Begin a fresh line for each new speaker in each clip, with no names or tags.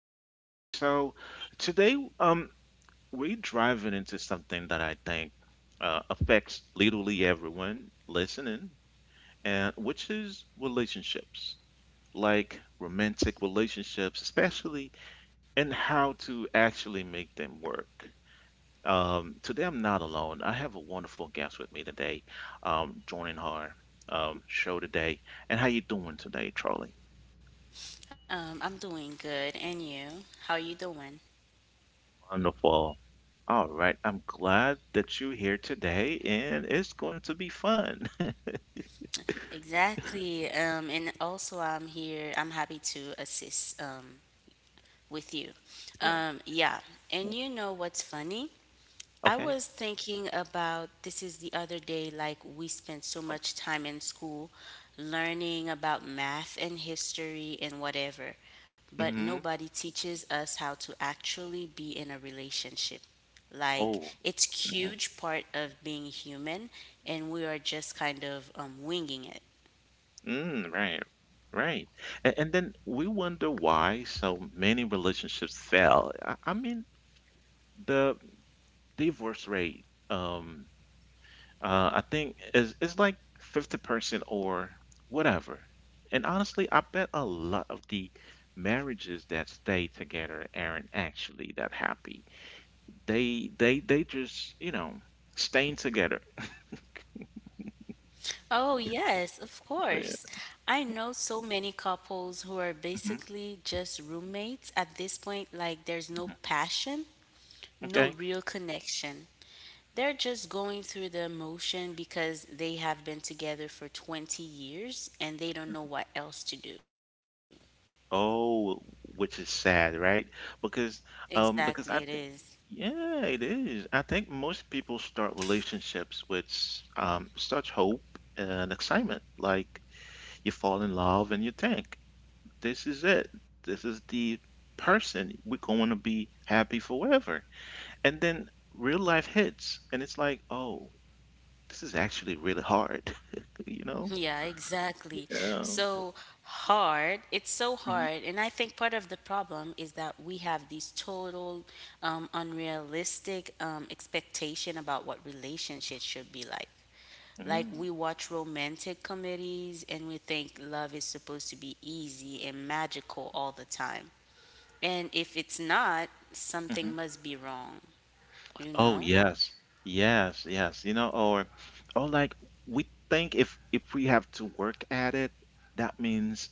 Welcome back. So today, we're driving into something that I think affects literally everyone listening, and which is relationships, like romantic relationships, especially, and how to actually make them work. Today, I'm not alone. I have a wonderful guest with me today, joining our show today. And how you doing today, Charlie?
I'm doing good, and you? How are you doing?
Wonderful. All right. I'm glad that you're here today, and it's going to be fun.
Exactly. And also, I'm here. I'm happy to assist with you.
Sure.
Yeah. And you know what's funny? I
Okay.
was thinking about this is the other day, like we spent so
Oh,
much time in school learning about math and history and whatever, but
hmm.
nobody teaches us how to actually be in a relationship. Like
Oh,
it's
mhm.
huge part of being human, and we are just kind of winging it.
Mm, right. Right. And then we wonder why so many relationships fail. I mean, the divorce rate, I think it's like 50% or whatever. And honestly, I bet a lot of the marriages that stay together aren't actually that happy. They just, you know, staying together.
Oh, yes, of
Oh,
course.
yeah.
I know so many couples who are
Mhm,
basically just roommates at this point, like there's no
mhm.
passion, no
Okay.
real connection. They're just going through the emotion because they have been together for 20 years and they don't know what else to do.
Oh, which is sad, right? Because
Exactly, it
because I
is.
yeah, it is. I think most people start relationships with such hope and excitement. Like you fall in love and you think this is it. This is the person we're going to be happy forever. And then real life hits, and it's like, oh, this is actually really hard, you know?
Yeah, exactly.
Yeah.
So hard. It's so
Mhm,
hard. And I think part of the problem is that we have these total unrealistic expectation about what relationships should be like. Like
mhm,
we watch romantic comedies and we think love is supposed to be easy and magical all the time. And if it's not, something
mhm.
must be wrong, you
Oh
know?
yes, yes, yes. You know, or like we think if we have to work at it, that means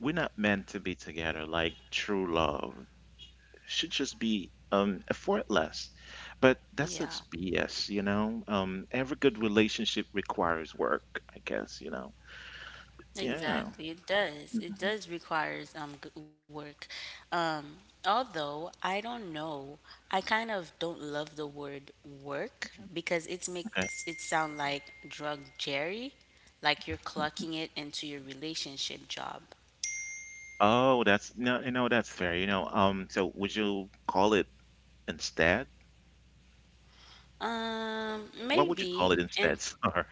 we're not meant to be together, like true love should just be effortless. But that's
Yeah.
such BS, you know. Every good relationship requires work, I guess, you know. Yeah.
Exactly, it does. It
Mhm.
does requires good work. Um, Although I don't know, I kind of don't love the word work because it
Okay.
makes it sound like drug jerry, like you're clocking it into your relationship job.
Oh, that's no, you know, that's fair. You know, so would you call it instead? What would you
Maybe
call it
and
instead? Sorry.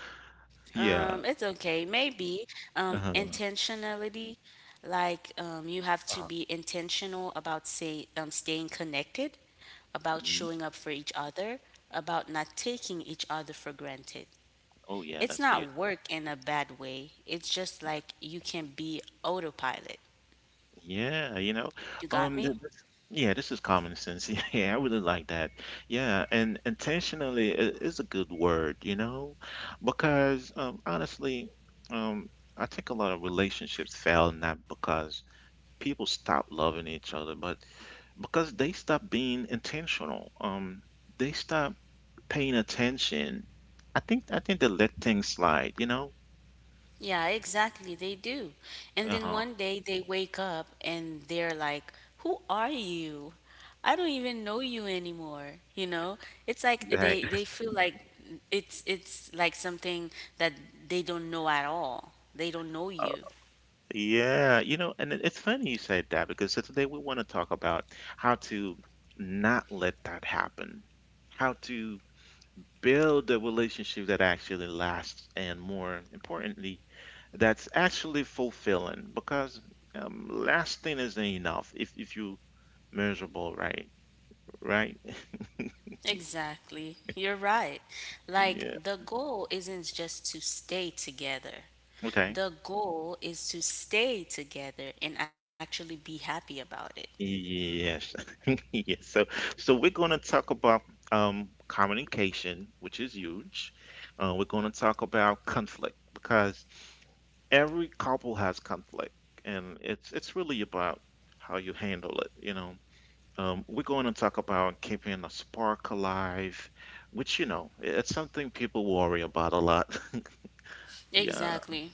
it's okay.
Yeah.
Maybe
Uh-huh.
intentionality, like you have to be
Uh-huh.
intentional about say staying connected, about showing
Mhm.
up for each other, about not taking each other for granted.
Oh, yeah,
It's
that's the
not work in a bad way, it's just like you can be autopilot.
yeah, you know,
You got
um, th-
me?
this, yeah, this is common sense. Yeah, I really like that. Yeah, and intentionally is a good word, you know, because honestly, um, I think a lot of relationships fail not because people stop loving each other, but because they stop being intentional. They stop paying attention. I think they let things slide, you know.
Yeah, exactly. They do. And then
Uh-huh.
one day they wake up and they're like, Who are you? I don't even know you anymore. It's like
Right.
they feel like it's like something that they don't know at all. They don't know you.
Yeah, you know, and it's funny you said that because so today we want to talk about how to not let that happen, how to build a relationship that actually lasts, and more importantly, that's actually fulfilling. Because lasting isn't enough if you miserable, right? Right?
Exactly. You're right. Like,
Yeah.
the goal isn't just to stay together.
Okay.
The goal is to stay together and actually be happy about it.
Yes. Yes. So so we're going to talk about communication, which is huge. We're going to talk about conflict because every couple has conflict and it's really about how you handle it, you know. We're going to talk about keeping a spark alive, which you know, it's something people worry about a lot. Yeah,
Exactly.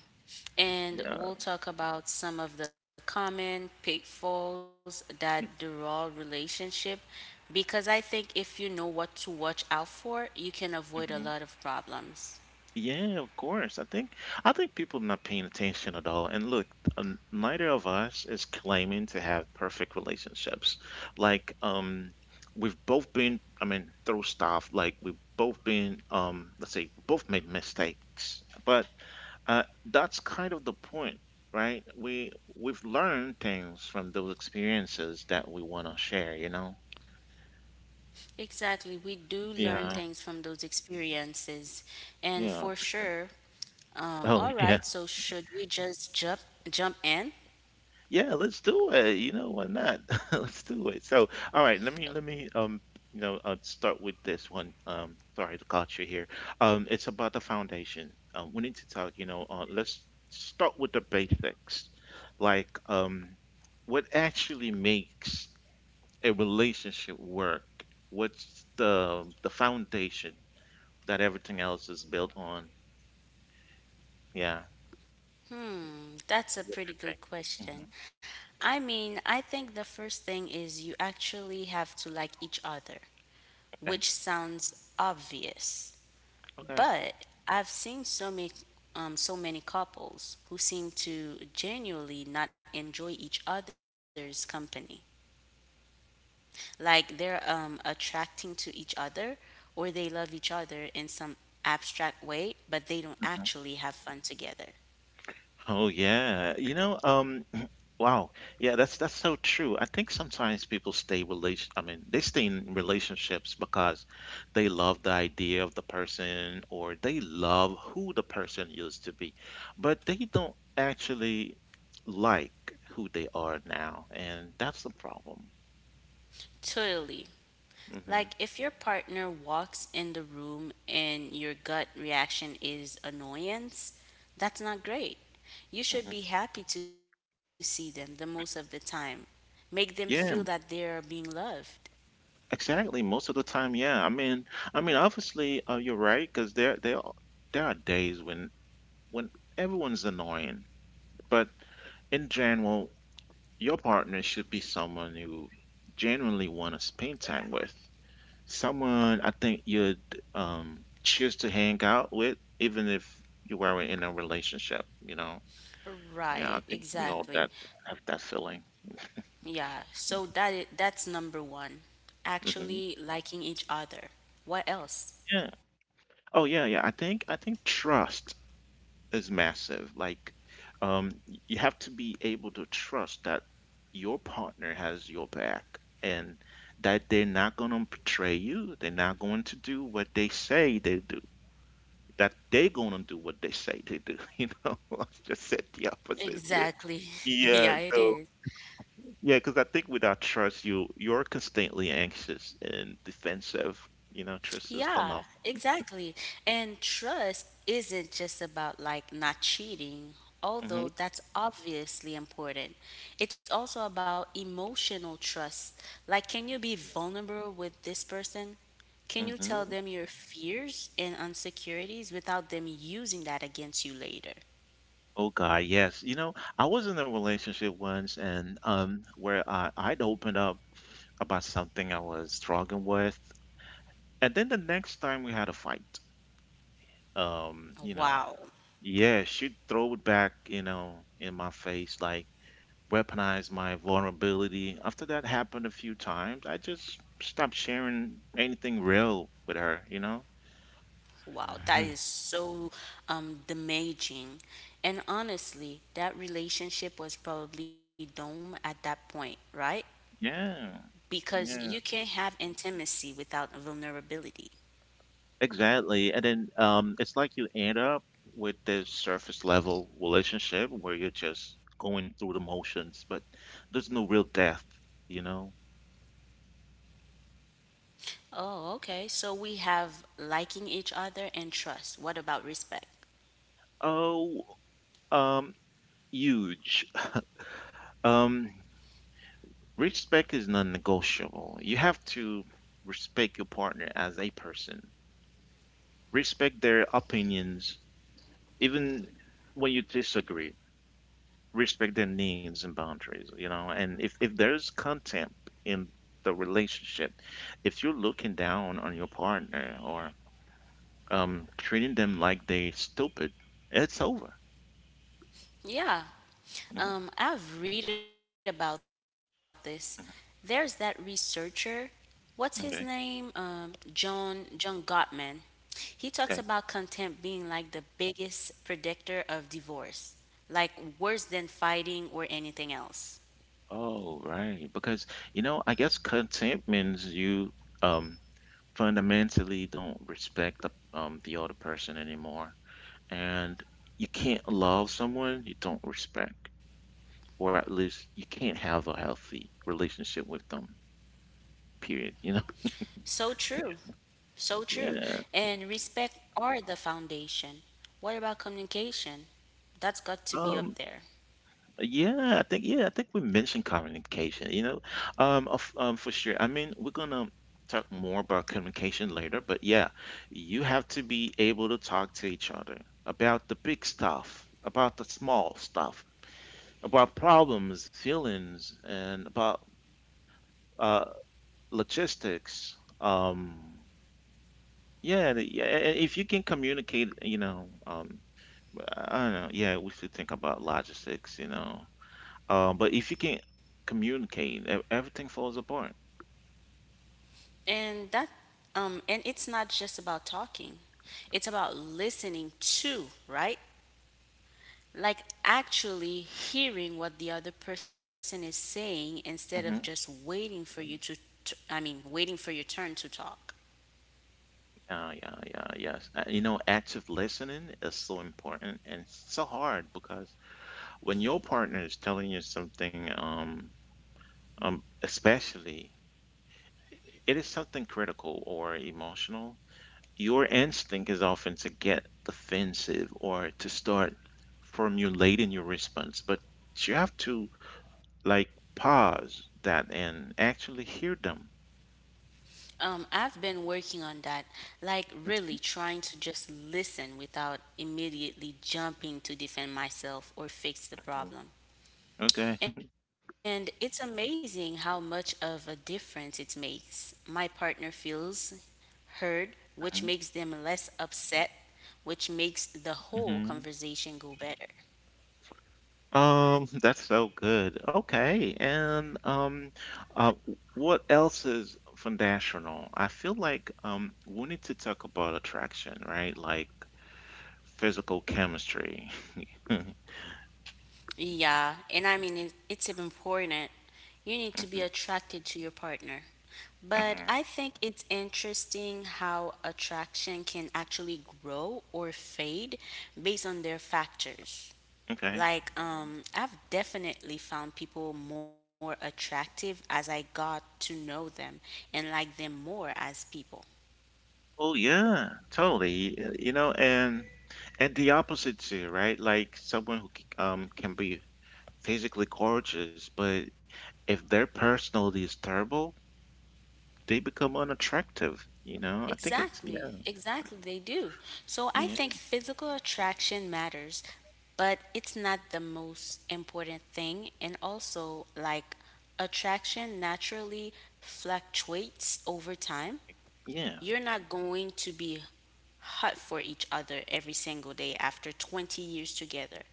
And
yeah.
we'll talk about some of the common pitfalls that derail relationship because I think if you know what to watch out for, you can avoid a lot of
Mm-hmm.
problems.
Yeah, of course. I think people not paying attention at all. And look, neither of us is claiming to have perfect relationships. Like, we've both been, I mean, through stuff. Like, we've both been, let's say, both made mistakes. But that's kind of the point, right? We we've learned things from those experiences that we want to share. You know?
Exactly. We do learn
Yeah.
things from those experiences. And
Yeah.
for sure,
Oh,
all right, so should we just jump in?
yeah, let's do it. You know, why not? Let's do it. So, all right, let me you know start with this one. Sorry to cut you here. It's about the foundation. We need to talk. You know, let's start with the basics, like what actually makes a relationship work? What's the foundation that everything else is built on? Yeah,
Hmm, that's a
what's
pretty
your take?
good
Hmm.
question. I mean, I think the first thing is you actually have to like each other,
Okay.
which sounds obvious.
Okay.
But I've seen so many couples who seem to genuinely not enjoy each other's company. Like they're attracting to each other, or they love each other in some abstract way, but they don't
Hmm.
actually have fun together.
Oh yeah. You know, um, wow. Yeah, that's so true. I think sometimes people stay relation I mean, they stay in relationships because they love the idea of the person or they love who the person used to be, but they don't actually like who they are now, and that's the problem.
Totally. Like
Hmm.
if your partner walks in the room and your gut reaction is annoyance, that's not great. You
Hmm.
should be happy to see them the most of the time. Make them feel that they're
Yeah,
being loved.
exactly. Most of the time, yeah. I mean, obviously, you're right because there are days when when everyone's annoying, but in general, your partner should be someone you genuinely want to spend time with. Someone I think you'd choose to hang out with, even if you were in a relationship. You know, yeah, I
Right,
think we all that
exactly.
have that feeling.
Yeah, so that's number one.
Hmm.
Actually liking each other. What else?
Yeah. Oh yeah, yeah. I think trust is massive. Like, you have to be able to trust that your partner has your back and that they're not going to betray you. They're not going to do what they say they do that they gonna do what they say they do. You know, I just said the opposite here.
Exactly.
Yeah,
Yeah, it
so
is.
yeah, because I think without trust, you're constantly anxious and defensive. You know, trust is the norm.
Yeah, exactly. And trust isn't just about like not cheating, although
Hmm.
that's obviously important. It's also about emotional trust. Like, can you be vulnerable with this person? Can you tell
Hmm.
them your fears and insecurities without them using that against you later?
Oh God, yes. You know, I was in a relationship once, and where I'd opened up about something I was struggling with, and then the next time we had a fight. You know,
Wow.
yeah, she'd throw it back, you know, in my face like weaponize my vulnerability. After that happened a few times, I just stopped sharing anything real with her, you know?
Wow, that is so damaging. And honestly, that relationship was probably doomed at that point, right?
Yeah,
Because you
yeah,
can't have intimacy without vulnerability.
exactly. And then it's like you end up with this surface level relationship where you're just going through the motions, but there's no real depth, you know?
Oh, okay. So we have liking each other and trust. What about respect?
Oh, um, huge. Um, respect is non-negotiable. You have to respect your partner as a person. Respect their opinions, even when you disagree. Respect their needs and boundaries, you know. And if there's contempt in the relationship, if you're looking down on your partner or treating them like they stupid, it's over.
Yeah.
Hmm.
I've read about this. There's that researcher, what's his name?
Okay.
John Gottman. He talks about contempt
Okay.
being like the biggest predictor of divorce, like worse than fighting or anything else.
Oh, right. Because, you know, I guess contempt means you um fundamentally don't respect the other person anymore and you can't love someone you don't respect, or at least you can't have a healthy relationship with them. Period. You know.
So true. So true.
Yeah.
And respect are the foundation. What about communication? That's got to be
Um.
up there.
Yeah. I think. Yeah. I think we mentioned communication. You know. For sure. I mean, we're gonna talk more about communication later, but yeah, you have to be able to talk to each other about the big stuff, about the small stuff, about problems, feelings, and about uh logistics. Yeah, the- yeah. and If you can communicate, you know, I don't know. Yeah, we should think about logistics, you know. But if you can communicate, everything falls apart.
And that and it's not just about talking. It's about listening to, right? Like actually hearing what the other person is saying instead of
Mm
just
hmm.
waiting for you to t- I mean, waiting for your turn to talk.
Yeah, yes. You know, active listening is so important and so hard because when your partner is telling you something, especially it is something critical or emotional, your instinct is often to get defensive or to start formulating your response, but you have to like pause that and actually hear them.
I've been working on that, like really trying to just listen without immediately jumping to defend myself or fix the
Mm.
problem.
Okay.
And it's amazing how much of a difference it makes. My partner feels heard, which makes them
Mhm.
less upset, which makes the whole
Mhm.
conversation go better.
That's so good. Okay. And uh what else is foundational? I feel like we need to talk about attraction, right? Like physical chemistry.
Yeah, and I mean, it's important. You need to be attracted to your partner.
Mhm,
But
mhm.
I think it's interesting how attraction can actually grow or fade based on their factors.
Okay.
Like, I've definitely found people more attractive as I got to know them and like them more as people.
Oh yeah, totally. You know, and the opposite too, right? Like someone who can be physically gorgeous, but if their personality is terrible, they become unattractive. You know, I think it's
Exactly,
yeah,
exactly, they do. So I
yeah,
think physical attraction matters, but it's not the most important thing. And also, like, attraction naturally fluctuates over time.
yeah,
You're not going to be hot for each other every single day after 20 years together.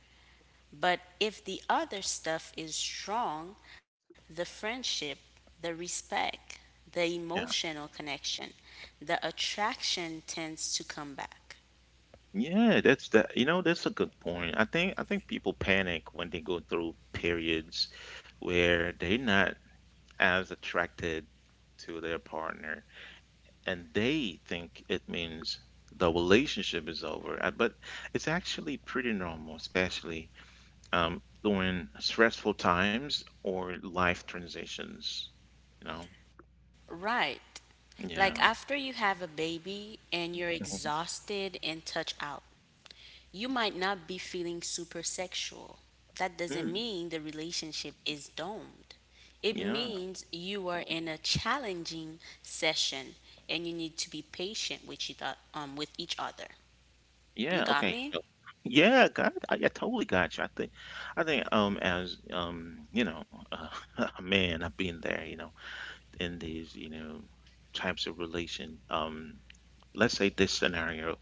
But if the other stuff is strong, the friendship, the respect, the
yeah,
emotional connection, the attraction tends to come back.
yeah. That's that. You know, that's a good point. I think people panic when they go through periods where they're not as attracted to their partner and they think it means the relationship is over. But it's actually pretty normal, especially during stressful times or life transitions, you know?
Right. Like
Yeah.
after you have a baby and you're
Mhm.
exhausted and touch out. You might not be feeling super sexual. That doesn't
Mm,
mean the relationship is domed. It
yeah.
means you are in a challenging session and you need to be patient with each other.
Yeah.
You
Okay.
got
So,
me?
yeah, God, I totally got you. I think, as, you know, a man, I've been there, you know, in these, you know, types of relation, um, let's say this scenario.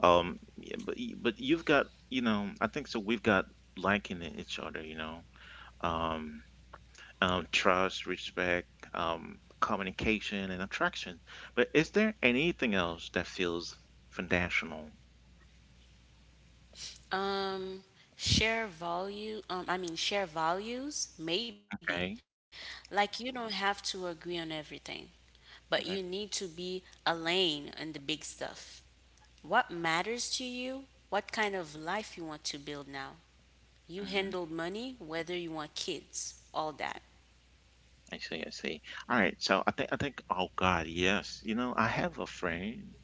Yeah, but but you've got you know I think so we've got liking in each other you know um, trust respect communication and attraction. But is there anything else that feels foundational?
Um, Share I mean, share values, maybe.
Okay.
Like, you don't have to agree on everything, but you need
Okay.
to be a lane in the big stuff. What matters to you? What kind of life you want to build now? You
Hmm.
handle money, whether you want kids, all that.
I see. I see. All right. So I think oh God yes you know I have a friend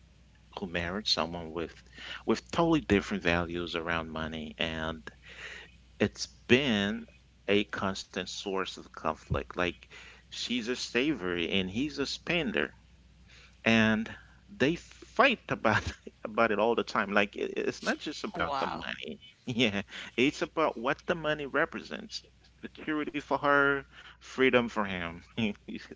who married someone with totally different values around money and it's been a constant source of conflict. Like she's a saver and he's a spender, and they fight about about it all the time. Like it's not just about the money.
Wow.
Yeah, it's about what the money represents. Security for her, freedom for him. I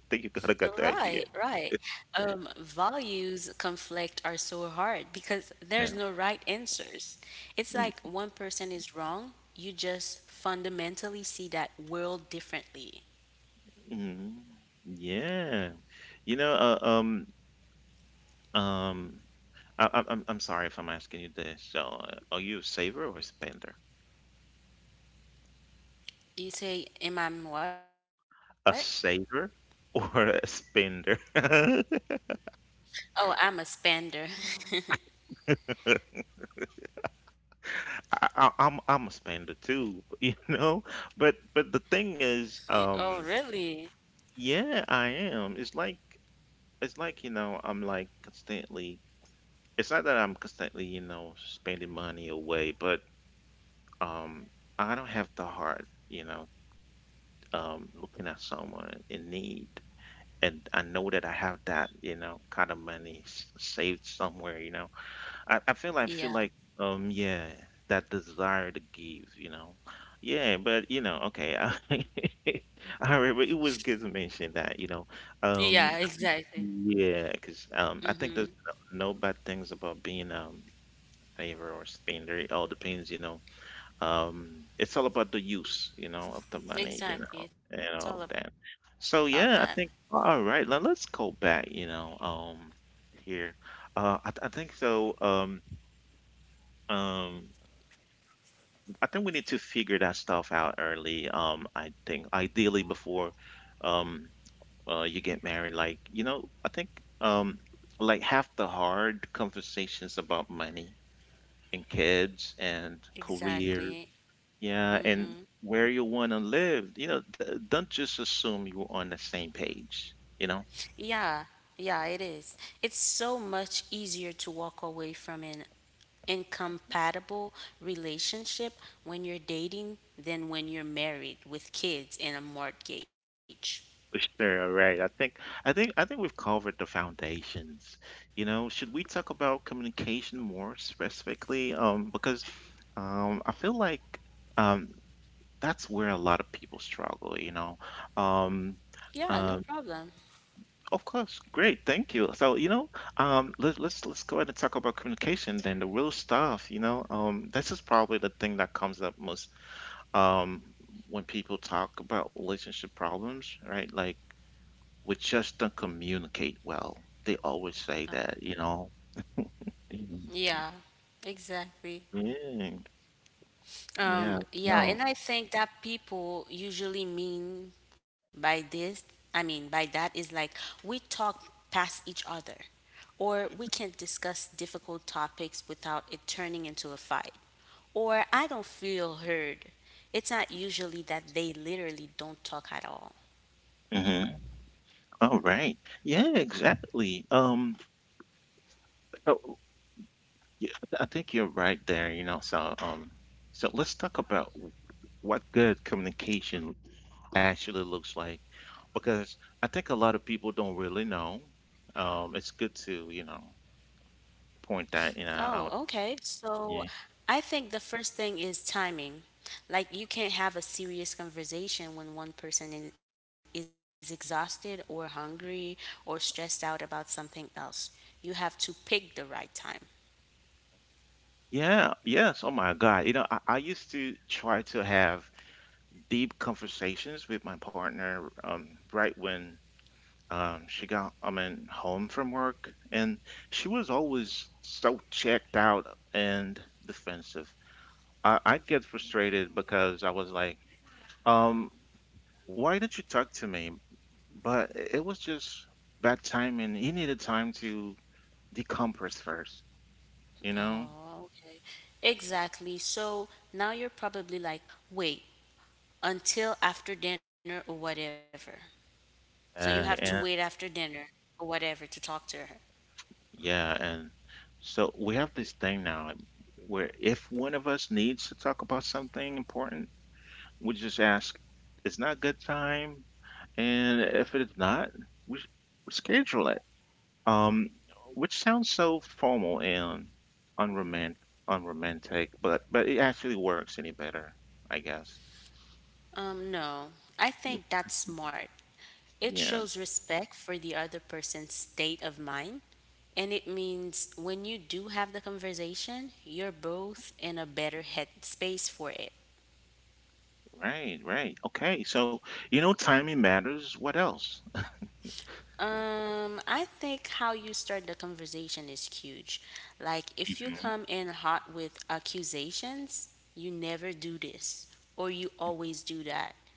think you gotta got the
Right,
idea.
right. Values conflict are so hard because there's
Yeah.
no right answers. It's
Mm,
like one person is wrong, you just fundamentally see that world differently.
mm, yeah. You know, um, I'm sorry if I'm asking you this. So are you a saver or a spender?
You say, Am I what?
A saver or a spender? I,
Oh, I'm a spender.
I, I'm I'm a spender too, you know. But the thing is,
Oh, really?
yeah, I am. It's like you know, I'm like constantly. It's not that I'm constantly you know spending money away, but um, I don't have the heart, you know, looking at someone in need. And I know that I have that, you know, kind of money saved somewhere, you know. I feel
Yeah.
like yeah, that desire to give, you know. Yeah, but you know, okay. I remember it was good to mention that, you know.
Yeah,
Um
exactly.
yeah, 'cause I think
Mm-hmm.
there's no, no bad things about being a favor or spender. It all depends, you know, it's all about the use, you know, of the money, you
Exactly.
know,
It's all
and all
about
of
that.
that. So yeah, I think all right. Now let's go back, you know, here. I think so. Um, I think we need to figure that stuff out early. I think ideally before, um, you get married. Like you know, I think um, like half the hard conversations about money and kids and career.
Exactly.
Yeah, and
Mm-hmm.
where you want to live, you know, d don't just assume you're on the same page, you know?
Yeah, yeah, it is. It's so much easier to walk away from an incompatible relationship when you're dating than when you're married with kids and a mortgage.
For sure, all right. I think we've covered the foundations. You know, should we talk about communication more specifically? Because I feel like um that's where a lot of people struggle, you know. Um
Yeah, no
uh,
problem.
Of course, great, thank you. So, you know, um, let's go ahead and talk about communication then, the real stuff. You know, this is probably the thing that comes up most, um, when people talk about relationship problems, right? Like, we just don't communicate well. They always say
Oh.
that, you know. Mhm.
Yeah, exactly.
Yeah, yeah,
Yeah,
no.
and I think that people usually mean by this, I mean by that is like we talk past each other, or we can discuss difficult topics without it turning into a fight. Or I don't feel heard. It's not usually that they literally don't talk at all.
Mm-hmm. All right. Yeah, exactly. Oh, yeah, I think you're right there, you know. So, so let's talk about what good communication actually looks like, because I think a lot of people don't really know. It's good to, you know, point that, you know, out.
Oh,
Yeah.
okay. So I think the first thing is timing. Like you can't have a serious conversation when one person is exhausted or hungry or stressed out about something else. You have to pick the right time.
Yeah, yes. Oh my God. You know, I used to try to have deep conversations with my partner right when she got, I mean, home from work. And she was always so checked out and defensive. I'd get frustrated because I was like, um, why did not you talk to me? But it was just bad timing. He needed time to decompress first, you know?
Oh, okay. Exactly. So now you're probably like, wait until after dinner or whatever. So you have to wait
Uh,
after
and
dinner or whatever to talk to her.
yeah, and so we have this thing now where if one of us needs to talk about something important, we just ask, it's not good time. And if it is not, we, s- we schedule it. Um, which sounds so formal and unromantic, unromantic, but it actually works any better, I guess.
No, I think that's smart. It
Yeah,
shows respect for the other person's state of mind. And it means when you do have the conversation, you're both in a better headspace for it.
right, right. Okay, so you know, timing matters. What else?
I think how you start the conversation is huge. Like, if you
Mhm.
come in hot with accusations, you never do this, or you always do that,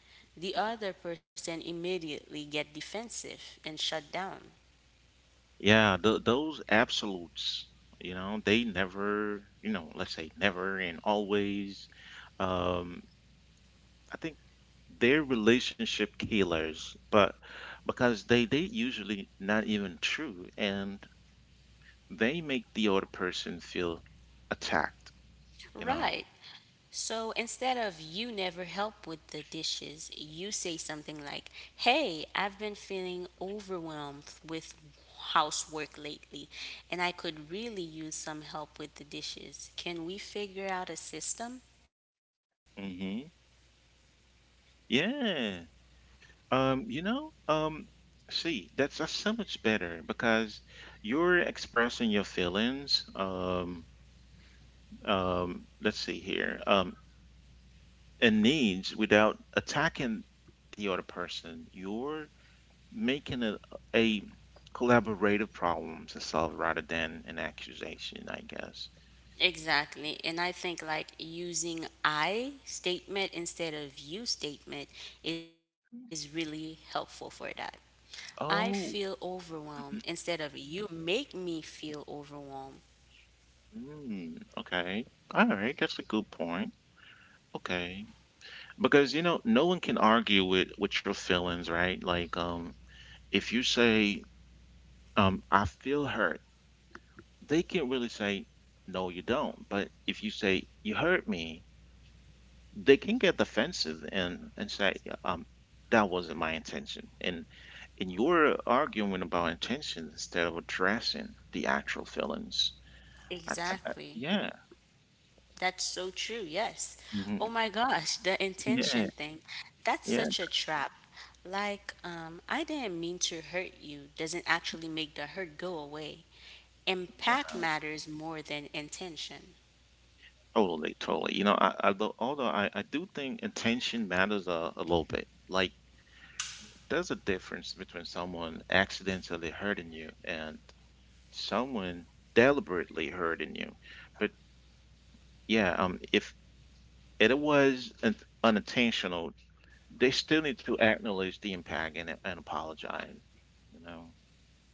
the other person immediately get defensive and shut down.
Yeah, th those absolutes, you know, they never, you know, let's say never and always. Um, I think they're relationship killers, but because they usually not even true, and they make the other person feel attacked, you know.
Right. So instead of you never help with the dishes, you say something like, Hey, I've been feeling overwhelmed with housework lately, and I could really use some help with the dishes. Can we figure out a system?
Hmm. Yeah. You know, see, that's so much better because you're expressing your feelings. Um, let's see here, um, and needs without attacking the other person. You're making a collaborative problem to solve rather than an accusation, I guess.
Exactly. And I think like using I statement instead of you statement is really helpful for that. I
Oh,
feel overwhelmed instead of you make me feel overwhelmed.
mhm, mm, okay. All right, that's a good point. Okay. Because you know no one can argue with your feelings, right? Like if you say I feel hurt, they can't really say no you don't, but if you say you hurt me, they can get defensive and say um that wasn't my intention, and you're arguing about intention instead of addressing the actual feelings.
Exactly.
Yeah.
That's so true. Yes.
Mhm.
Oh my gosh, the
Yeah.
intention thing. That's
Yeah.
such a trap. Like, I didn't mean to hurt you doesn't actually make the hurt go away. Impact matters more than intention,
Totally, totally. You know, I, I do think intention matters a little bit. Like, there's a difference between someone accidentally hurting you and someone deliberately hurting you. But yeah, if it was unintentional, they still need to acknowledge the impact and apologize. You know.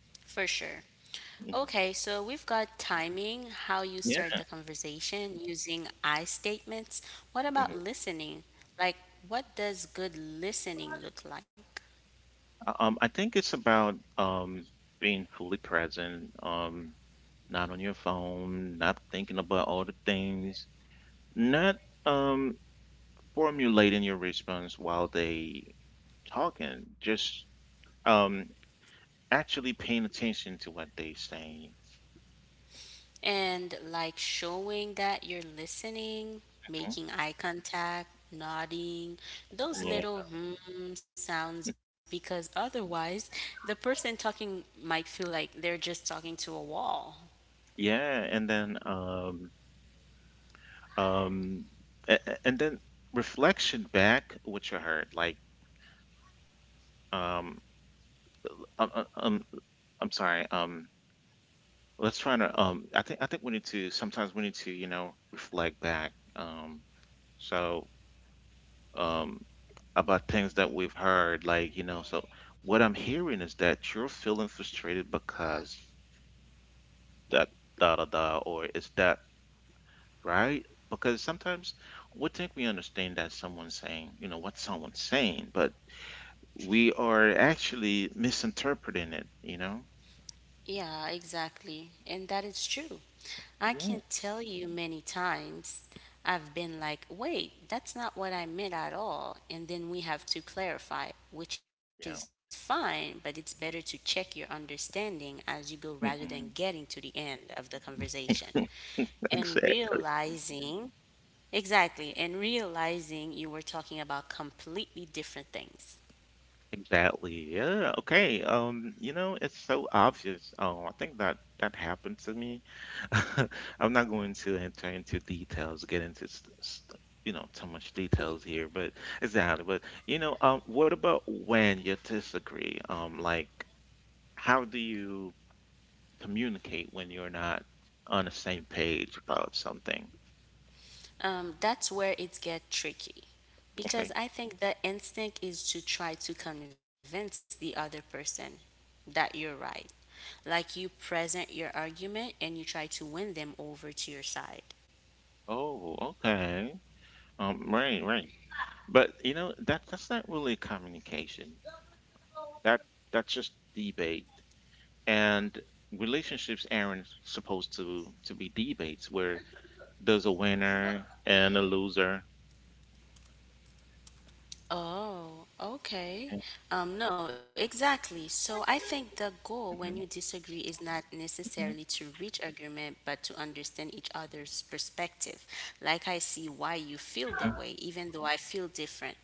for sure.
Mhm.
Okay, so we've got timing, how you
Yeah.
start the conversation using I statements. What about listening? Like, what does good listening look like?
I think it's about being fully present, not on your phone, not thinking about all the things, not um, formulating your response while they talking, just um, actually paying attention to what they saying.
And like showing that you're listening,
Mhm.
making eye contact, nodding, those
Yeah,
little hmm sounds, because otherwise the person talking might feel like they're just talking to a wall.
yeah, and then um, and then reflection back what you heard. Like um, um, um, um, I'm sorry. Let's try to I think we need to sometimes we need to, you know, reflect back so um about things that we've heard like, you know, so what I'm hearing is that you're feeling frustrated because that da da da, or is that right? Because sometimes we think we understand that someone's saying, you know, what someone's saying, but we are actually misinterpreting it, you know?
Yeah, exactly. And that is true. I
Yeah.
can't tell you many times I've been like, wait, that's not what I meant at all. And then we have to clarify,
Yeah.
which is fine, but it's better to check your understanding as you go rather
Hmm.
than getting to the end of the conversation and
Exactly.
realizing, exactly, and realizing you were talking about completely different things.
Exactly. Yeah. Okay. You know, it's so obvious. Oh, I think that that happened to me. I'm not going to enter into details, get into you know, too much details here, but exactly. But you know, what about when you disagree? Like, how do you communicate when you're not on the same page about something?
That's where it gets tricky because
Okay.
I think the instinct is to try to convince the other person that you're right. Like you present your argument and you try to win them over to your side.
Oh, okay. Right, right. But you know, that's not really communication. That that's just debate. And relationships aren't supposed to be debates where there's a winner and a loser.
Oh, okay. No, exactly. So I think the goal when
Mhm,
you disagree is not
mhm,
necessarily to reach agreement, but to understand each other's perspective. Like I see why you feel the
mhm.
way, even though I feel different.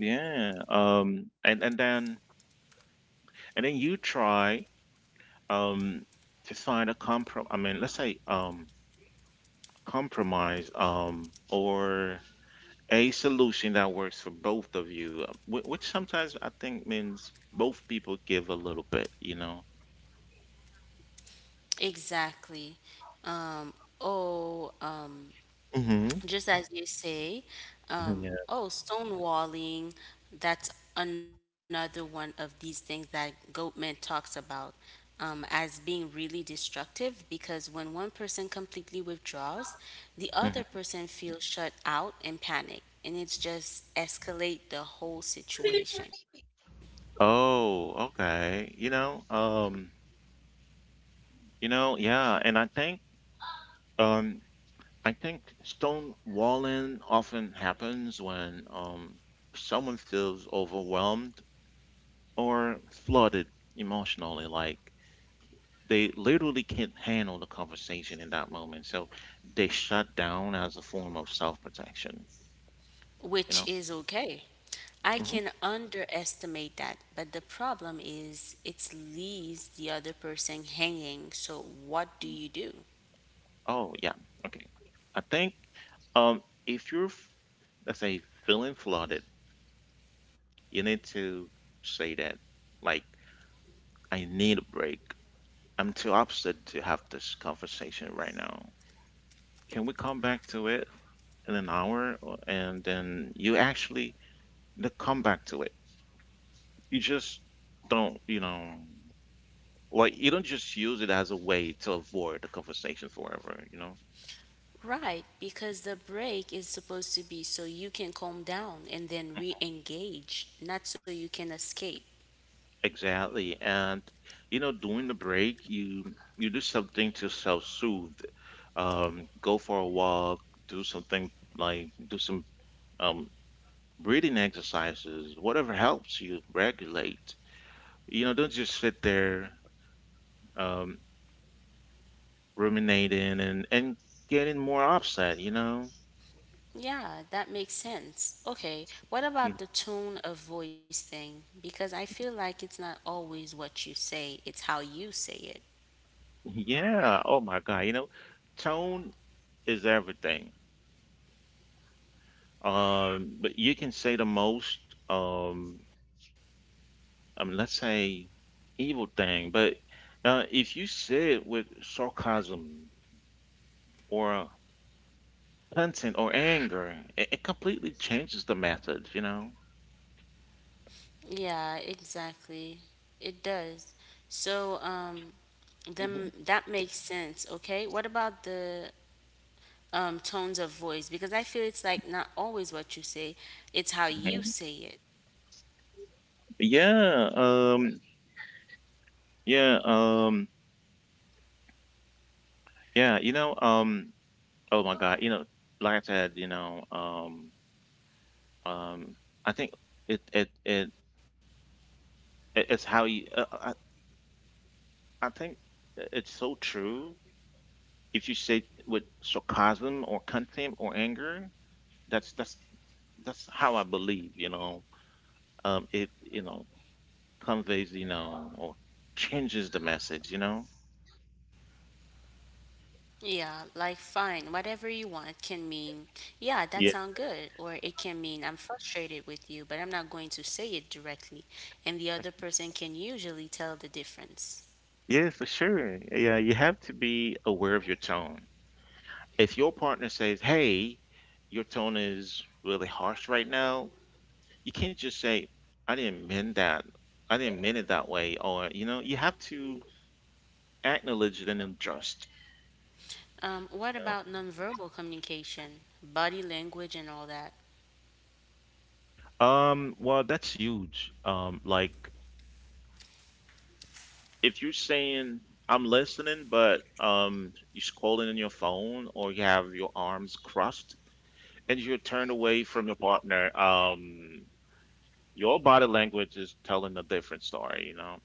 Yeah. And then you try um to find a comprom. I mean, let's say compromise or a solution that works for both of you, which sometimes I think means both people give a little bit. You know.
Exactly. Um, oh, um,
Mm-hmm.
just as you say, oh, stonewalling, that's another one of these things that Goatman talks about as being really destructive because when one person completely withdraws, the other
Yeah.
person feels shut out and panic, and it's just escalate the whole situation.
Oh, okay. You know, yeah, and um I think stonewalling often happens when someone feels overwhelmed or flooded emotionally, like they literally can't handle the conversation in that moment. So they shut down as a form of self-protection, you
Which
know?
is okay. I
Hmm.
can underestimate that, but the problem is it leaves the other person hanging. So, what do you do?
Oh, yeah. Okay. I think if you're let's say feeling flooded, you need to say that, like, I need a break. I'm too upset to have this conversation right now. Can we come back to it in an hour? Or— and then you actually they come back to it. You just don't, you know, like, you don't just use it as a way to avoid the conversation forever, you know?
Right, because the break is supposed to be so you can calm down and then re engage, not so you can escape.
Exactly. And, you know, during the break, you do something to self-soothe. Go for a walk, do something like do some um, breathing exercises, whatever helps you regulate. You know, don't just sit there um, ruminating and getting more upset, you know?
Yeah, that makes sense. Okay, what about
Mm,
the tone of voice thing? Because I feel like it's not always what you say, it's how you say it.
yeah. Oh my God. You know, tone is everything. But you can say the most, I mean, let's say evil thing, but if you say it with sarcasm or content or anger, it completely changes the method, you know?
Yeah, exactly. It does. So, then
Hmm.
that makes sense, okay? What about the tones of voice? Because I feel it's like not always what you say, it's how you say it.
Yeah, um, yeah, um, yeah, you know, oh my God, you know, like I said, you know, um, I think it it it it's how you I think it's so true. If you say with sarcasm or contempt or anger, that's that's how I believe, you know. It, you know, conveys, you know, or changes the message, you know.
Yeah, like fine, whatever you want can mean, yeah, that sound
Yeah.
good, or it can mean I'm frustrated with you, but I'm not going to say it directly, and the other person can usually tell the difference.
Yeah, for sure. Yeah, you have to be aware of your tone. If your partner says, "Hey, your tone is really harsh right now," you can't just say, "I didn't mean that. I didn't mean it that way," or you know, you have to acknowledge it and adjust.
What
You know?
about nonverbal communication, body language, and all that?
Well, that's huge. Like if you're saying, "I'm listening," but you're scrolling in your phone or you have your arms crossed and you're turned away from your partner, your body language is telling a different story. You know.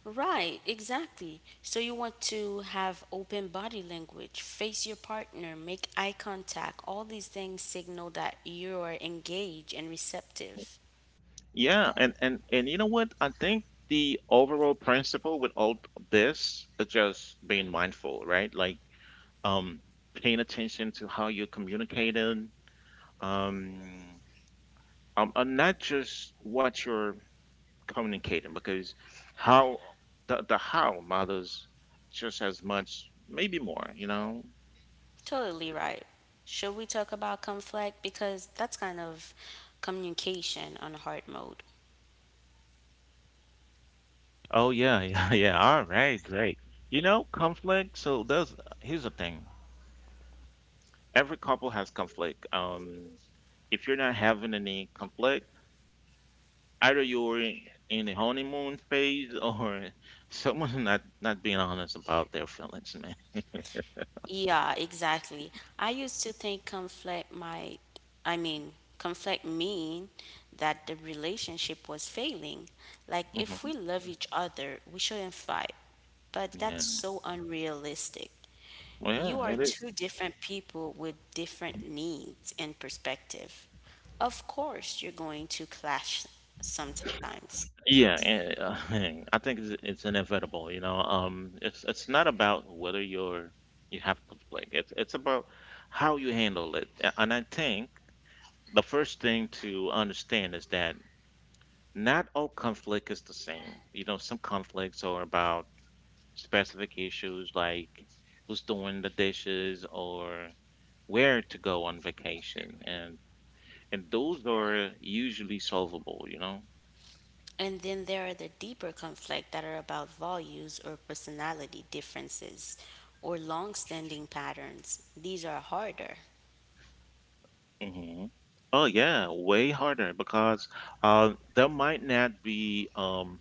Right, exactly. So you want to have open body language, face your partner, make eye contact. All these things signal that you're engaged and receptive.
Yeah, and you know what? I think the overall principle with all this is just being mindful, right? Like um paying attention to how you're communicating, um and not just what you're communicating, because how the how matters just as much, maybe more, you know?
Totally right. Should we talk about conflict? Because that's kind of communication on hard mode.
Oh yeah, yeah, yeah. All right, great. You know, conflict. So there's here's the thing. Every couple has conflict. If you're not having any conflict, either you're in the honeymoon phase or someone's not being honest about their feelings, man.
Yeah, exactly. I used to think conflict might, I mean, conflict mean that the relationship was failing. Like, if we love each other, we shouldn't fight. But
Yeah.
that's so unrealistic.
Well,
You are
yeah, it is.
two different people with different needs and perspective. Of course, you're going to clash sometimes.
Yeah, and, I think it's inevitable. You know, it's not about whether you're you have to play. It's about how you handle it. And I think the first thing to understand is that not all conflict is the same. You know, some conflicts are about specific issues like who's doing the dishes or where to go on vacation, and those are usually solvable. You know.
And then there are the deeper conflict that are about values or personality differences or long-standing patterns. These are harder.
Hmm. Oh yeah, way harder because there might not be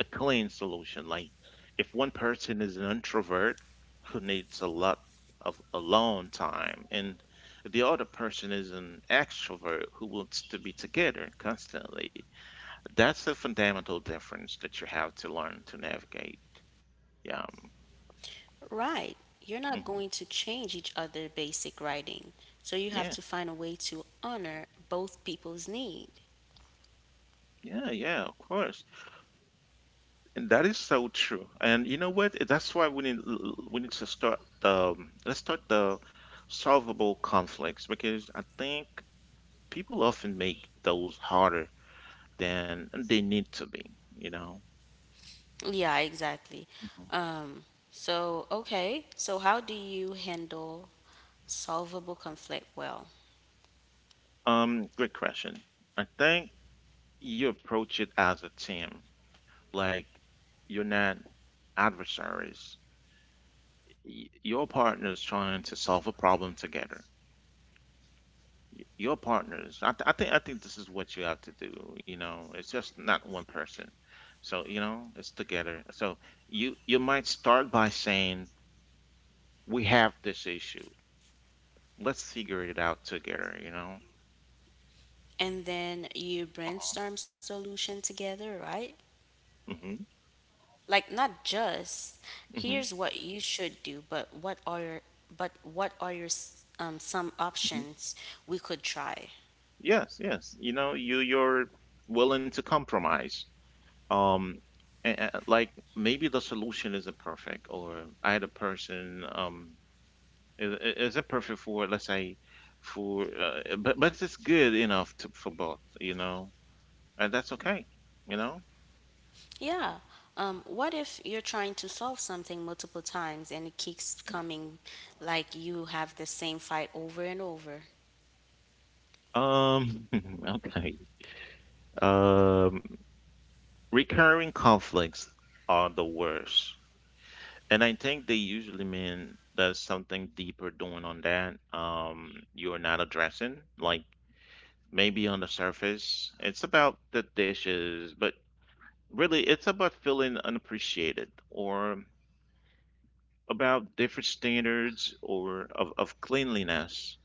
a clean solution. Like if one person is an introvert who needs a lot of alone time, and the other person is an extrovert who wants to be together constantly, that's a fundamental difference that you have to learn to navigate. Yeah,
Right. You're not going to
mhm.
change each other basic writing. So you have to
Yeah,
find a way to honor both people's needs.
yeah, yeah. Of course. And that is so true. And you know what? That's why we need to start the let's start the solvable conflicts because I think people often make those harder than they need to be, you know.
Yeah, exactly.
Mhm.
Um, so, okay. So, how do you handle solvable conflict well?
Great question. I think you approach it as a team. Like you're not adversaries. Your partner's trying to solve a problem together. Y- your partners. I think this is what you have to do. You know, it's just not one person. So you know, it's together. So you might start by saying we have this issue. Let's figure it out together. You know.
And then you brainstorm solution together, right?
Hmm.
Like not just
Hmm.
here's what you should do, but what are your some
Hmm.
options we could try?
Yes. Yes. You know, you're willing to compromise. Um. Like maybe the solution isn't perfect, or I had a person is it perfect for let's say for but it's good enough to, for both, you know, and that's okay, you know.
Yeah. What if you're trying to solve something multiple times and it keeps coming like you have the same fight over and over?
Um, okay. Um, Recurring conflicts are the worst, and I think they usually mean there's something deeper going on that you're not addressing. Like maybe on the surface, it's about the dishes, but really it's about feeling unappreciated or about different standards or of cleanliness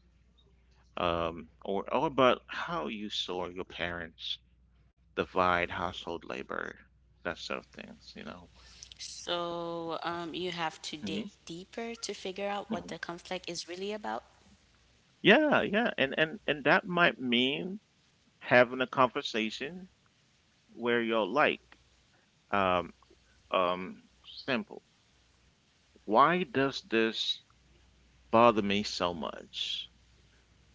or about how you saw your parents divide household labor, that sort of things, you know.
So you have to dig deeper
Mhm,
to figure out what the conflict is
mhm.
really about.
Yeah, yeah, and that might mean having a conversation where you're like, um, um, simple why does this bother me so much,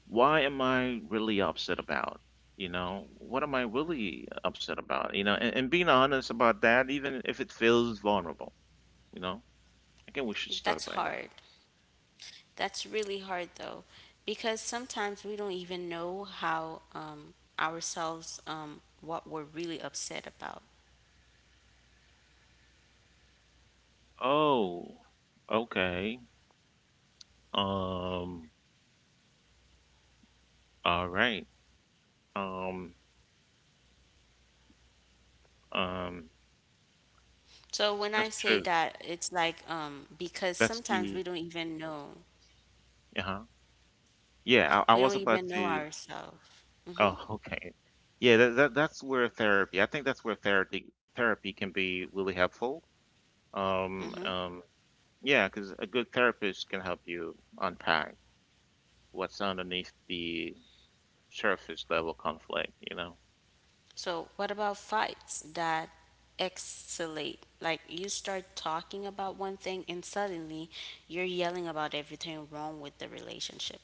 why am I really upset about? You know, what am I really upset about? You know, and being honest about that, even if it feels vulnerable, you know, I
That's
think we should
hard.
start by that.
That's really hard though, because sometimes we don't even know how ourselves what we're really upset about.
Oh, okay. Um, all right. Um, um,
So when
that's
I say
true.
that, it's like because
That's
sometimes
the,
we don't even know.
uh-huh. Yeah, I
We
was
don't
about
even know
to,
ourselves.
oh,
Mm-hmm.
okay. Yeah, that's where therapy. I think that's where therapy can be really helpful.
Mm-hmm.
Um, um, Yeah, because a good therapist can help you unpack what's underneath the surface level conflict, you know?
So, what about fights that escalate? Like, you start talking about one thing and suddenly you're yelling about everything wrong with the relationship.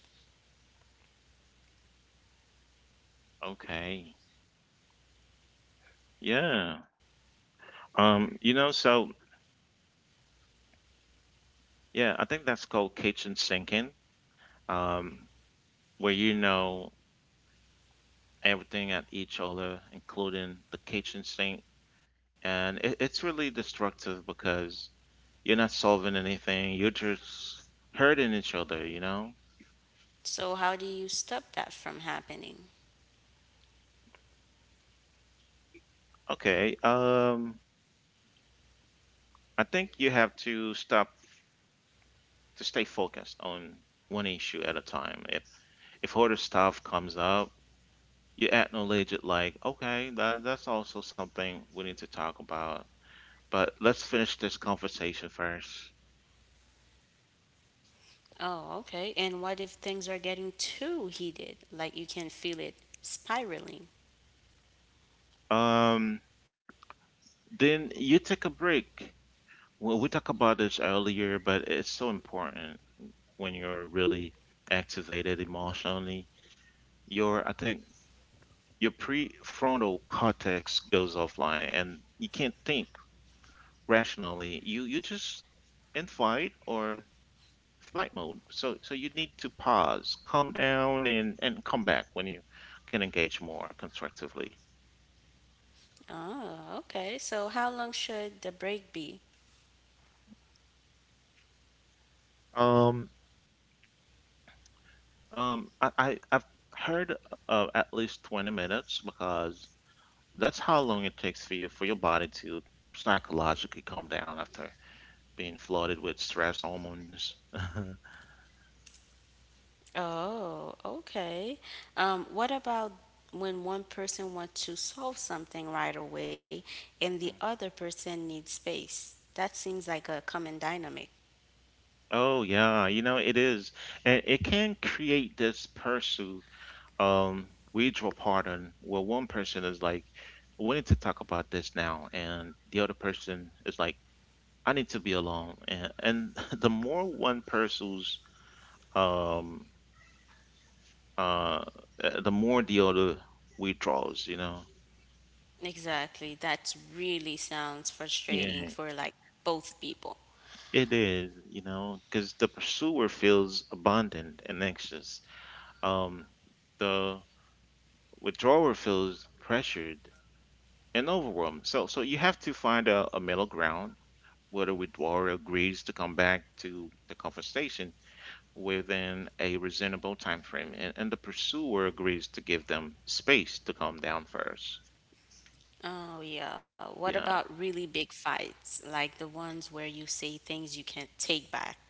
Okay. Yeah. You know, so yeah, I think that's called kitchen sinking, um, where you know everything at each other, including the kitchen sink. And it's really destructive because you're not solving anything, you're just hurting each other, you know?
So, how do you stop that from happening?
Okay. I think you have to stop to stay focused on one issue at a time. If other stuff comes up, you acknowledge it like, okay, that's also something we need to talk about. But let's finish this conversation first.
Oh, okay. And what if things are getting too heated? Like, you can feel it spiraling.
Um, then you take a break. Well, we talked about this earlier, but it's so important when you're really activated emotionally. Your I think your prefrontal cortex goes offline and you can't think rationally. You just in flight or flight mode. So so you need to pause, calm down, and come back when you can engage more constructively.
Oh, okay. So, how long should the break be?
Um I've heard of at least 20 minutes because that's how long it takes for you for your body to psychologically calm down after being flooded with stress hormones.
Oh, okay. What about when one person wants to solve something right away and the other person needs space? That seems like a common dynamic.
Oh yeah, you know it is. And it can create this pursuit we draw pardon where one person is like, we need to talk about this now, and the other person is like, I need to be alone, and the more one person's um uh the more the other withdraws, you know.
Exactly. That really sounds frustrating
Yeah,
for like both people.
it is, you know, because the pursuer feels abandoned and anxious, um the withdrawer feels pressured and overwhelmed, so so you have to find a middle ground, whether withdrawal agrees to come back to the conversation within a reasonable time frame and the pursuer agrees to give them space to calm down first.
Oh, yeah. What
Yeah.
about really big fights, like the ones where you say things you can't take back?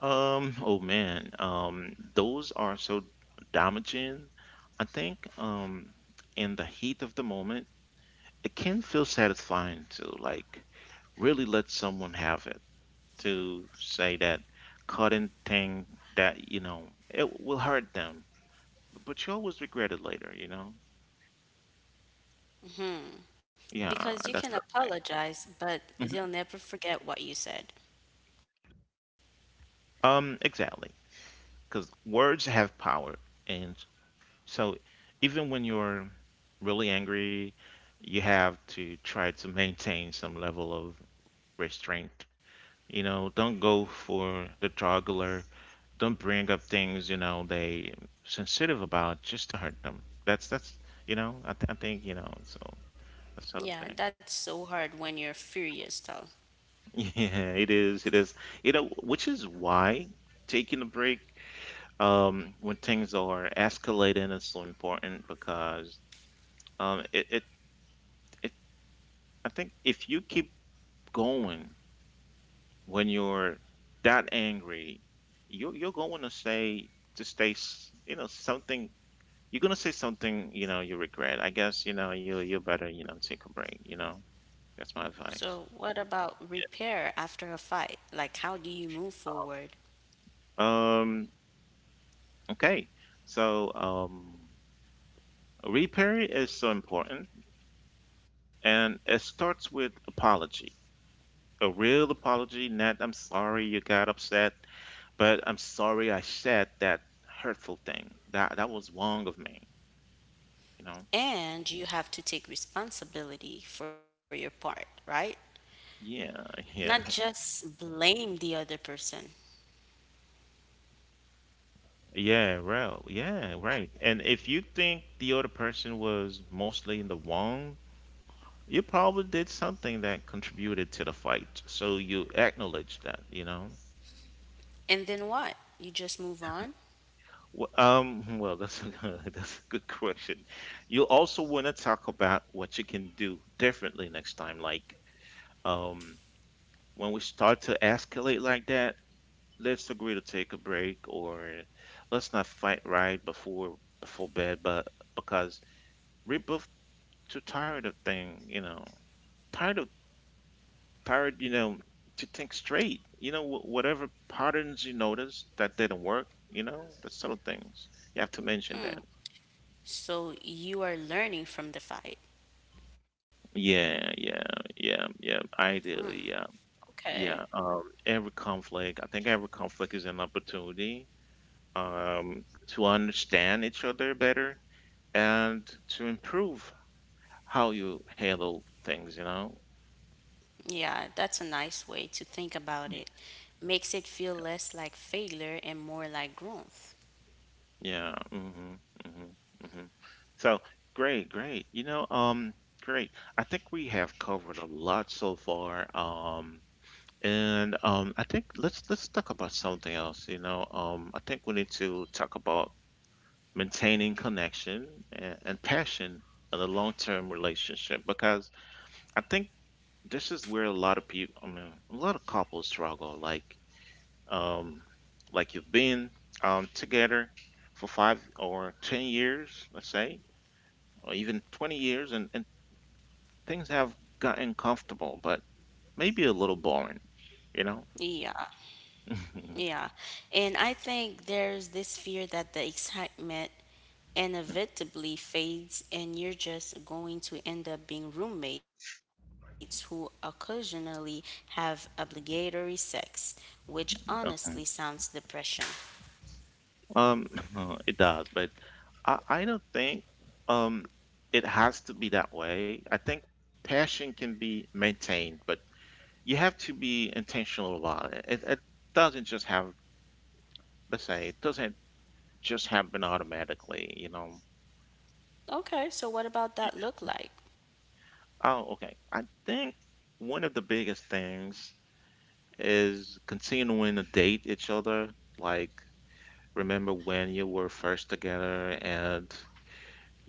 Oh man, those are so damaging. I think in the heat of the moment, it can feel satisfying to like really let someone have it, to say that cutting thing that you know it will hurt them. But you always regret it later, you know? Yeah,
Because you
that's
can apologize, but
Mhm.
they'll never forget what you said.
Exactly. Because words have power. And so even when you're really angry, you have to try to maintain some level of restraint. You know, don't go for the jugular. Don't bring up things, you know, they sensitive about just to hurt them. That's you know, I think, you know, so that sort of
Yeah,
thing.
that's so hard when you're furious, though.
Yeah, it is. It is. You know, which is why taking a break when things are escalating is so important because um, it, it, it, I think if you keep going when you're that angry, you're going to say, you know, something, you're going to say something, you know, you regret. I guess, you know, you better, you know, take a break, you know, that's my
So,
advice.
what about repair after a fight? Like, how do you move forward?
Um, okay. So, repair is so important, and it starts with apology. A real apology, not I'm sorry you got upset, but I'm sorry I said that hurtful thing. That was wrong of me, you know?
And you have to take responsibility for your part, right?
Yeah,
Not
yeah.
just blame the other person.
Yeah, real. Yeah, right. And if you think the other person was mostly in the wrong, you probably did something that contributed to the fight. So you acknowledge that, you know?
And then what? You just move on?
Well, well, that's a good, that's a good question. You also want to talk about what you can do differently next time. Like, um, when we start to escalate like that, let's agree to take a break, or let's not fight right before bed. But because we're both too tired of thing, you know, tired of you know, to think straight. You know, whatever patterns you notice that didn't work, you know, the subtle things. You have to mention that.
So, you are learning from the fight.
Yeah, yeah, yeah, yeah. Ideally, yeah,
Okay.
yeah. Every conflict, I think every conflict is an opportunity to understand each other better and to improve how you handle things, you know?
Yeah, that's a nice way to think about
Y-
it. Makes it feel less like failure and more like growth.
Yeah. Mm-hmm. Mm-hmm. Mm-hmm. So great. You know, great. I think we have covered a lot so far. And I think let's talk about something else. You know, I think we need to talk about maintaining connection and passion in a long-term relationship, because I think this is where a lot of people, I mean, a lot of couples struggle. Um, like you've been together for 5 or 10 years, let's say, or even 20 years, and things have gotten comfortable, but maybe a little boring, you know.
Yeah. Yeah. And I think there's this fear that the excitement inevitably fades and you're just going to end up being roommates who occasionally have obligatory sex, which honestly sounds depression.
Um, it does, but I don't think um it has to be that way. I think passion can be maintained, but you have to be intentional about it. It doesn't just have, let's say, it doesn't just happen automatically, you know.
Okay, so what about that look
Yeah.
like?
Oh, okay. I think one of the biggest things is continuing to date each other. Like, remember when you were first together and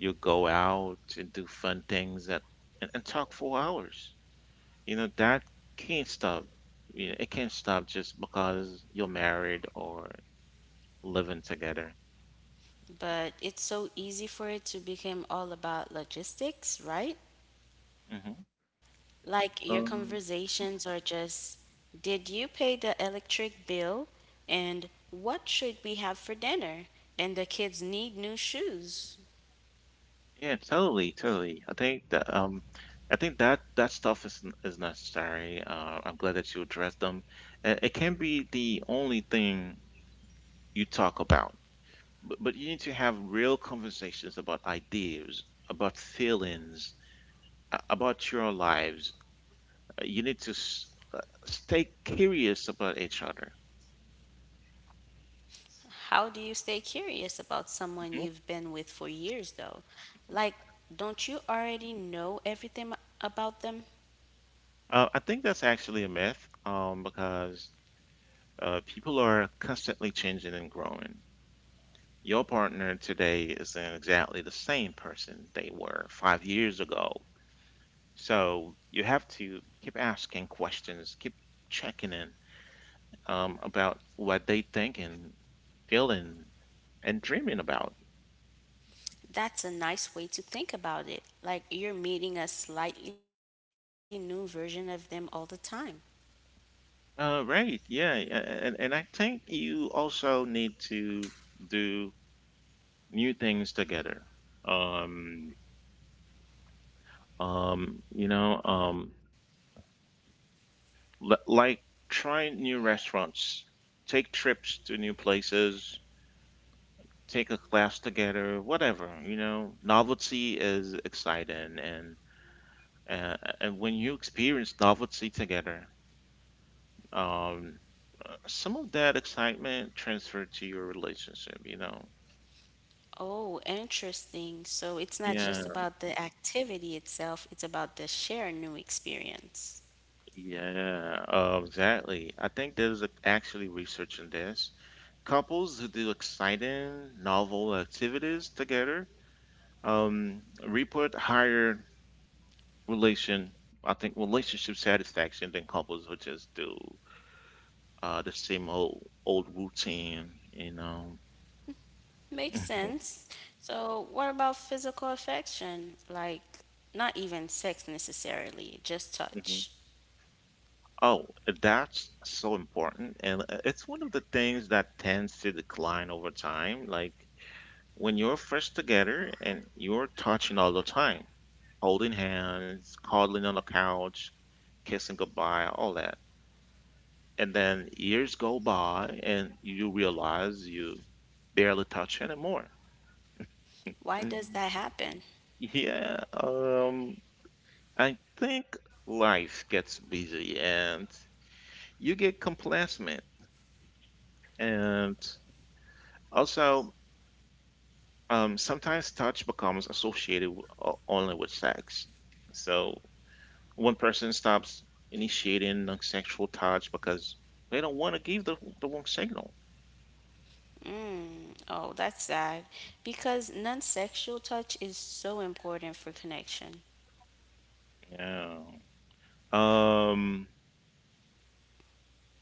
you go out and do fun things that and talk for hours. You know, that can't stop. You know, it can't stop just because you're married or living together.
But it's so easy for it to become all about logistics, right?
Hmm.
Like your
Um,
conversations are just did you pay the electric bill and what should we have for dinner and the kids need new shoes.
yeah, totally, totally. I think that that stuff is necessary. I'm glad that you addressed them. It can be the only thing you talk about, but you need to have real conversations about ideas, about feelings, about your lives. You need to stay curious about each other.
How do you stay curious about someone
Mhm.
you've been with for years though, like don't you already know everything about them?
I think that's actually a myth, because people are constantly changing and growing. Your partner today isn't exactly the same person they were 5 years ago. So you have to keep asking questions, keep checking in about what they think and feeling and dreaming about.
That's a nice way to think about it, like you're meeting a slightly new version of them all the time.
Right. Yeah. And, and I think you also need to do new things together. Um, um, you know, um, like try new restaurants, take trips to new places, take a class together, whatever, you know, novelty is exciting. And when you experience novelty together, um, some of that excitement transferred to your relationship, you know.
Oh, interesting. So it's not
Yeah.
just about the activity itself, it's about the shared new experience.
Yeah, exactly. I think there's actually research in this. Couples who do exciting, novel activities together report higher relation, I think, relationship satisfaction than couples who just do the same old routine, you know.
Makes
Mhm,
sense. So, what about physical affection? Like, not even sex necessarily, just
mhm.
touch.
Oh, that's so important, and it's one of the things that tends to decline over time. Like when you're first together and you're touching all the time, holding hands, cuddling on the couch, kissing goodbye, all that. And then years go by and you realize you barely touch anymore.
Why
Mhm.
does that happen?
Yeah, I think life gets busy and you get complacent. And also, sometimes touch becomes associated only with sex. So one person stops initiating like, sexual touch because they don't want to give the wrong signal.
Mm, oh, that's sad. Because non sexual touch is so important for connection.
Yeah. Um,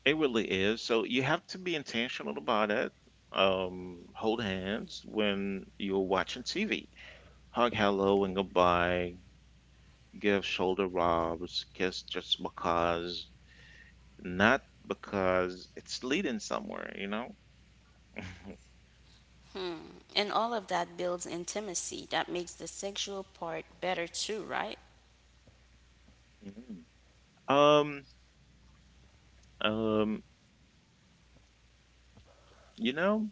it really is. So you have to be intentional about it. Hold hands when you're watching TV. Hug hello and goodbye. Give shoulder rubs. Kiss just because. Not because it's leading somewhere, you know?
And all of that builds intimacy. That makes the sexual part better too, right?
Mhm. Um, um, you know,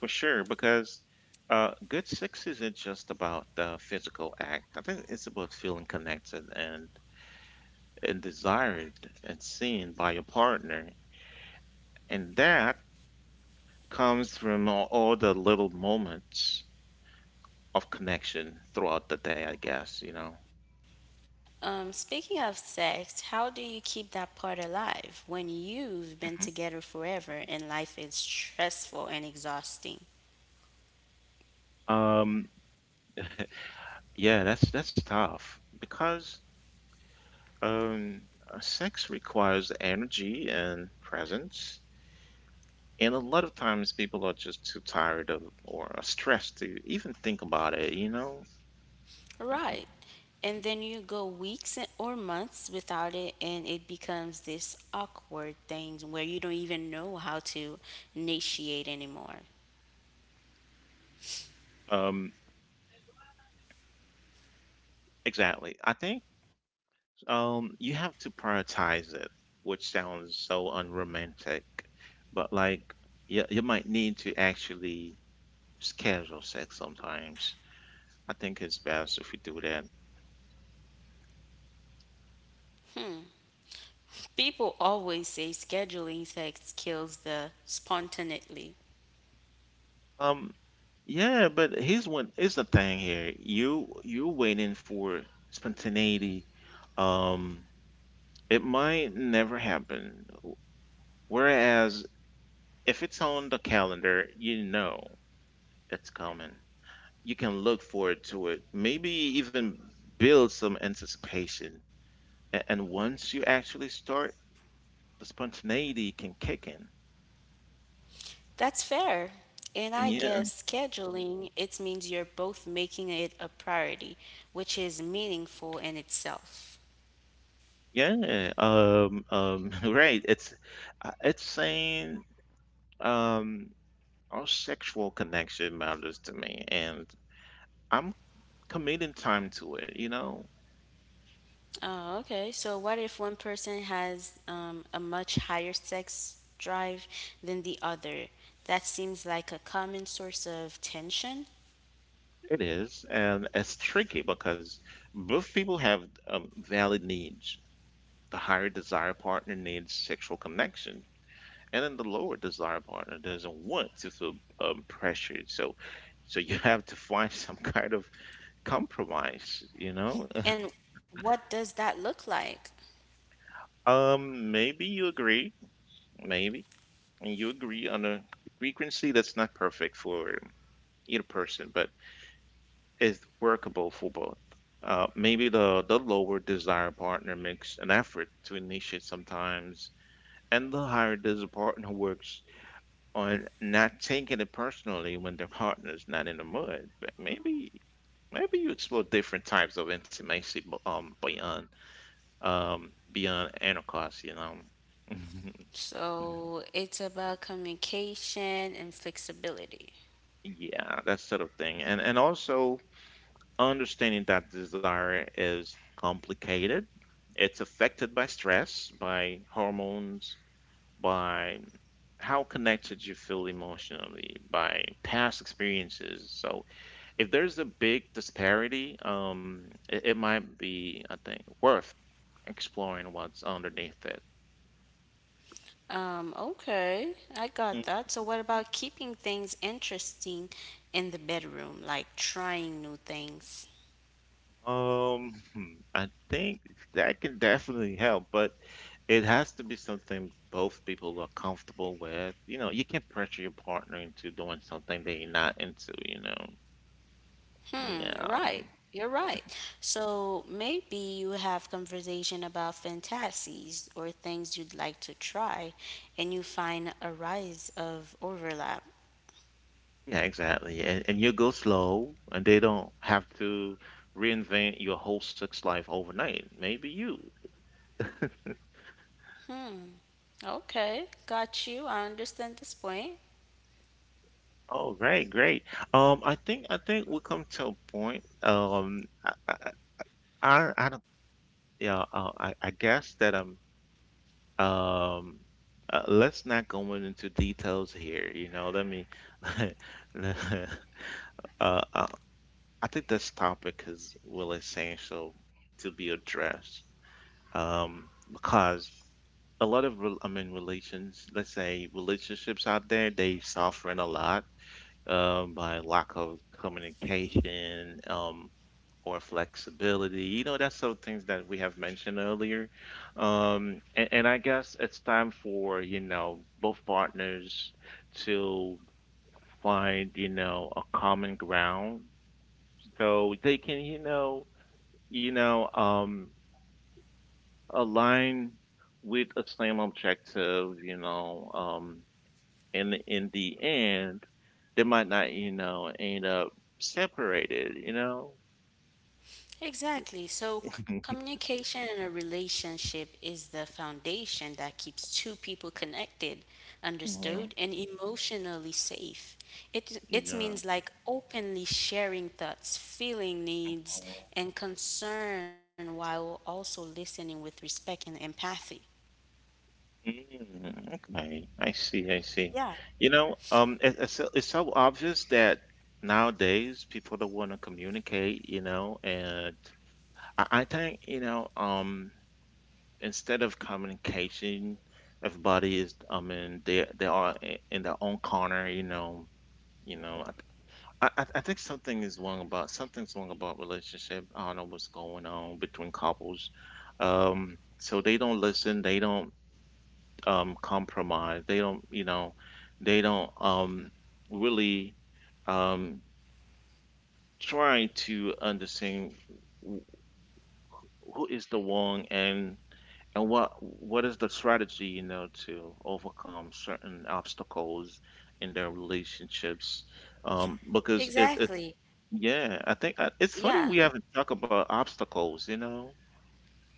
For sure, because good sex isn't just about the physical act. I think it's about feeling connected and desired and seen by your partner, and that comes from all the little moments of connection throughout the day, I guess, you know.
Speaking of sex, how do you keep that part alive when you've been
Mhm.
together forever and life is stressful and exhausting?
Um, yeah, that's tough because um, sex requires energy and presence. And a lot of times people are just too tired of or are stressed to even think about it, you know?
Right. And then you go weeks or months without it, and it becomes this awkward thing where you don't even know how to initiate anymore.
Um, exactly. I think you have to prioritize it, which sounds so unromantic, but like you might need to actually schedule sex sometimes. I think it's best if you do that.
People always say scheduling sex kills the spontaneity.
Um, yeah, but here's what is the thing here. You're waiting for spontaneity. Um, it might never happen. Whereas if it's on the calendar, you know it's coming. You can look forward to it, maybe even build some anticipation. And once you actually start, the spontaneity can kick in.
That's fair. And I
Yeah,
guess scheduling, it means you're both making it a priority, which is meaningful in itself.
yeah. Right. It's saying um our sexual connection matters to me, and I'm committing time to it, you know?
Oh, okay. So what if one person has a much higher sex drive than the other? That seems like a common source of tension.
It is, and it's tricky because both people have valid needs. The higher desire partner needs sexual connection, and then the lower desire partner doesn't want to feel pressured. So you have to find some kind of compromise, you know?
And what does that look like?
Maybe you agree, maybe, and you agree on a frequency that's not perfect for either person, but is workable for both. Maybe the lower desired partner makes an effort to initiate sometimes, and the higher desired partner works on not taking it personally when their partner's not in the mood. But maybe you explore different types of intimacy beyond intercourse, you know.
So it's about communication and flexibility.
Yeah, that sort of thing, and also understanding that desire is complicated. It's affected by stress, by hormones, by how connected you feel emotionally, by past experiences. So, if there's a big disparity, it might be, I think, worth exploring what's underneath it.
Okay, I got that. So what about keeping things interesting in the bedroom, like trying new things?
Hmm, I think that can definitely help, but it has to be something both people are comfortable with. You know, you can't pressure your partner into doing something they're not into, you know. Yeah,
Hmm, right. You're right. So maybe you have conversation about fantasies or things you'd like to try and you find a rise of overlap.
yeah, exactly. And you go slow, and they don't have to reinvent your whole sex life overnight. Maybe you.
Okay, got you. I understand this point.
Oh, right, great. I think we'll come to a point. I don't. Yeah, I guess that Um, let's not go into details here. You know, let me. uh, I, I think this topic is really essential to be addressed. Because a lot of, I mean, relations, let's say relationships out there, they suffering a lot by lack of communication or flexibility. You know, that's some things that we have mentioned earlier. And I guess it's time for, you know, both partners to find, you know, a common ground so they can, you know, align with a same objective, you know, and in the end, they might not, you know, end up separated, you know?
Exactly. So, communication in a relationship is the foundation that keeps two people connected,
Hmm.
understood, and emotionally safe. It
Yeah.
means like openly sharing thoughts, feeling needs, and concern while also listening with respect and empathy.
Mm, okay, I see, I see. You know, it's so obvious that nowadays people don't want to communicate, you know, and I think, you know, instead of communication, everybody is, I mean, they are in their own corner, you know, I think something's wrong about relationship. I don't know what's going on between couples. So they don't listen. They don't compromise. They don't, you know, they don't really um, try to understand wh- who is the one. And what is the strategy, you know, to overcome certain obstacles in their relationships? Because it's
Exactly.
yeah, I think I, it's funny
Yeah.
we haven't talked about obstacles, you know.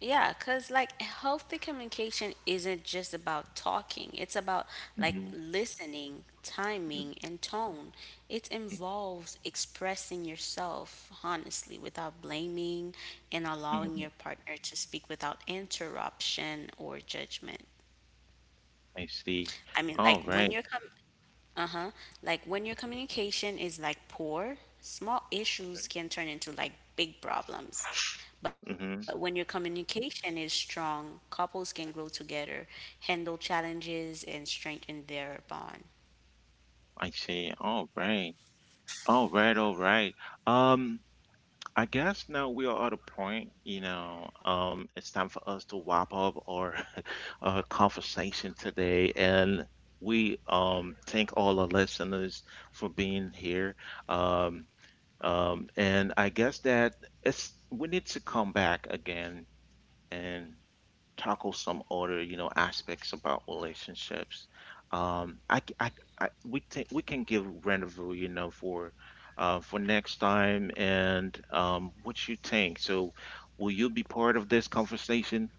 Yeah, because like healthy communication isn't just about talking, it's about like
Hmm.
listening, timing, and tone. It involves expressing yourself honestly without blaming and allowing your
Hmm.
partner to speak without interruption or judgment.
I see.
I mean, like
All
when
right.
you're com- uh-huh. Like when your communication is like poor, small issues can turn into like big problems. But when your
Mm-hmm.
communication is strong, couples can grow together, handle challenges, and strengthen their bond.
I see. All right. All right. All right. Um, I guess now we are at a point, you know, it's time for us to wrap up our, our conversation today. And we thank all our listeners for being here. Um, and I guess that it's we need to come back again and tackle some other, you know, aspects about relationships. I, c- I- we think we can give rendezvous, you know, for next time. And what you think? So, will you be part of this conversation?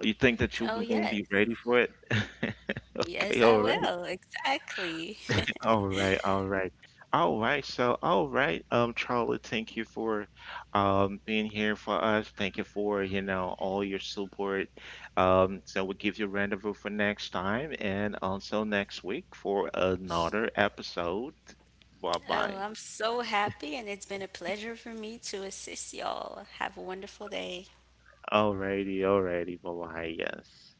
You think
Oh,
that you
yes.
won't be ready for it?
Yes,
Okay,
I
all right.
will. Exactly.
All right, all right. All right, so all right, Charlie, thank you for being here for us. Thank you for, you know, all your support. Um, so we'll give you a rendezvous for next time and also next week for another episode. Bye
Oh,
bye.
I'm so happy, and it's been a pleasure for me to assist y'all. Have a wonderful day.
Alrighty, alrighty, bye bye, yes.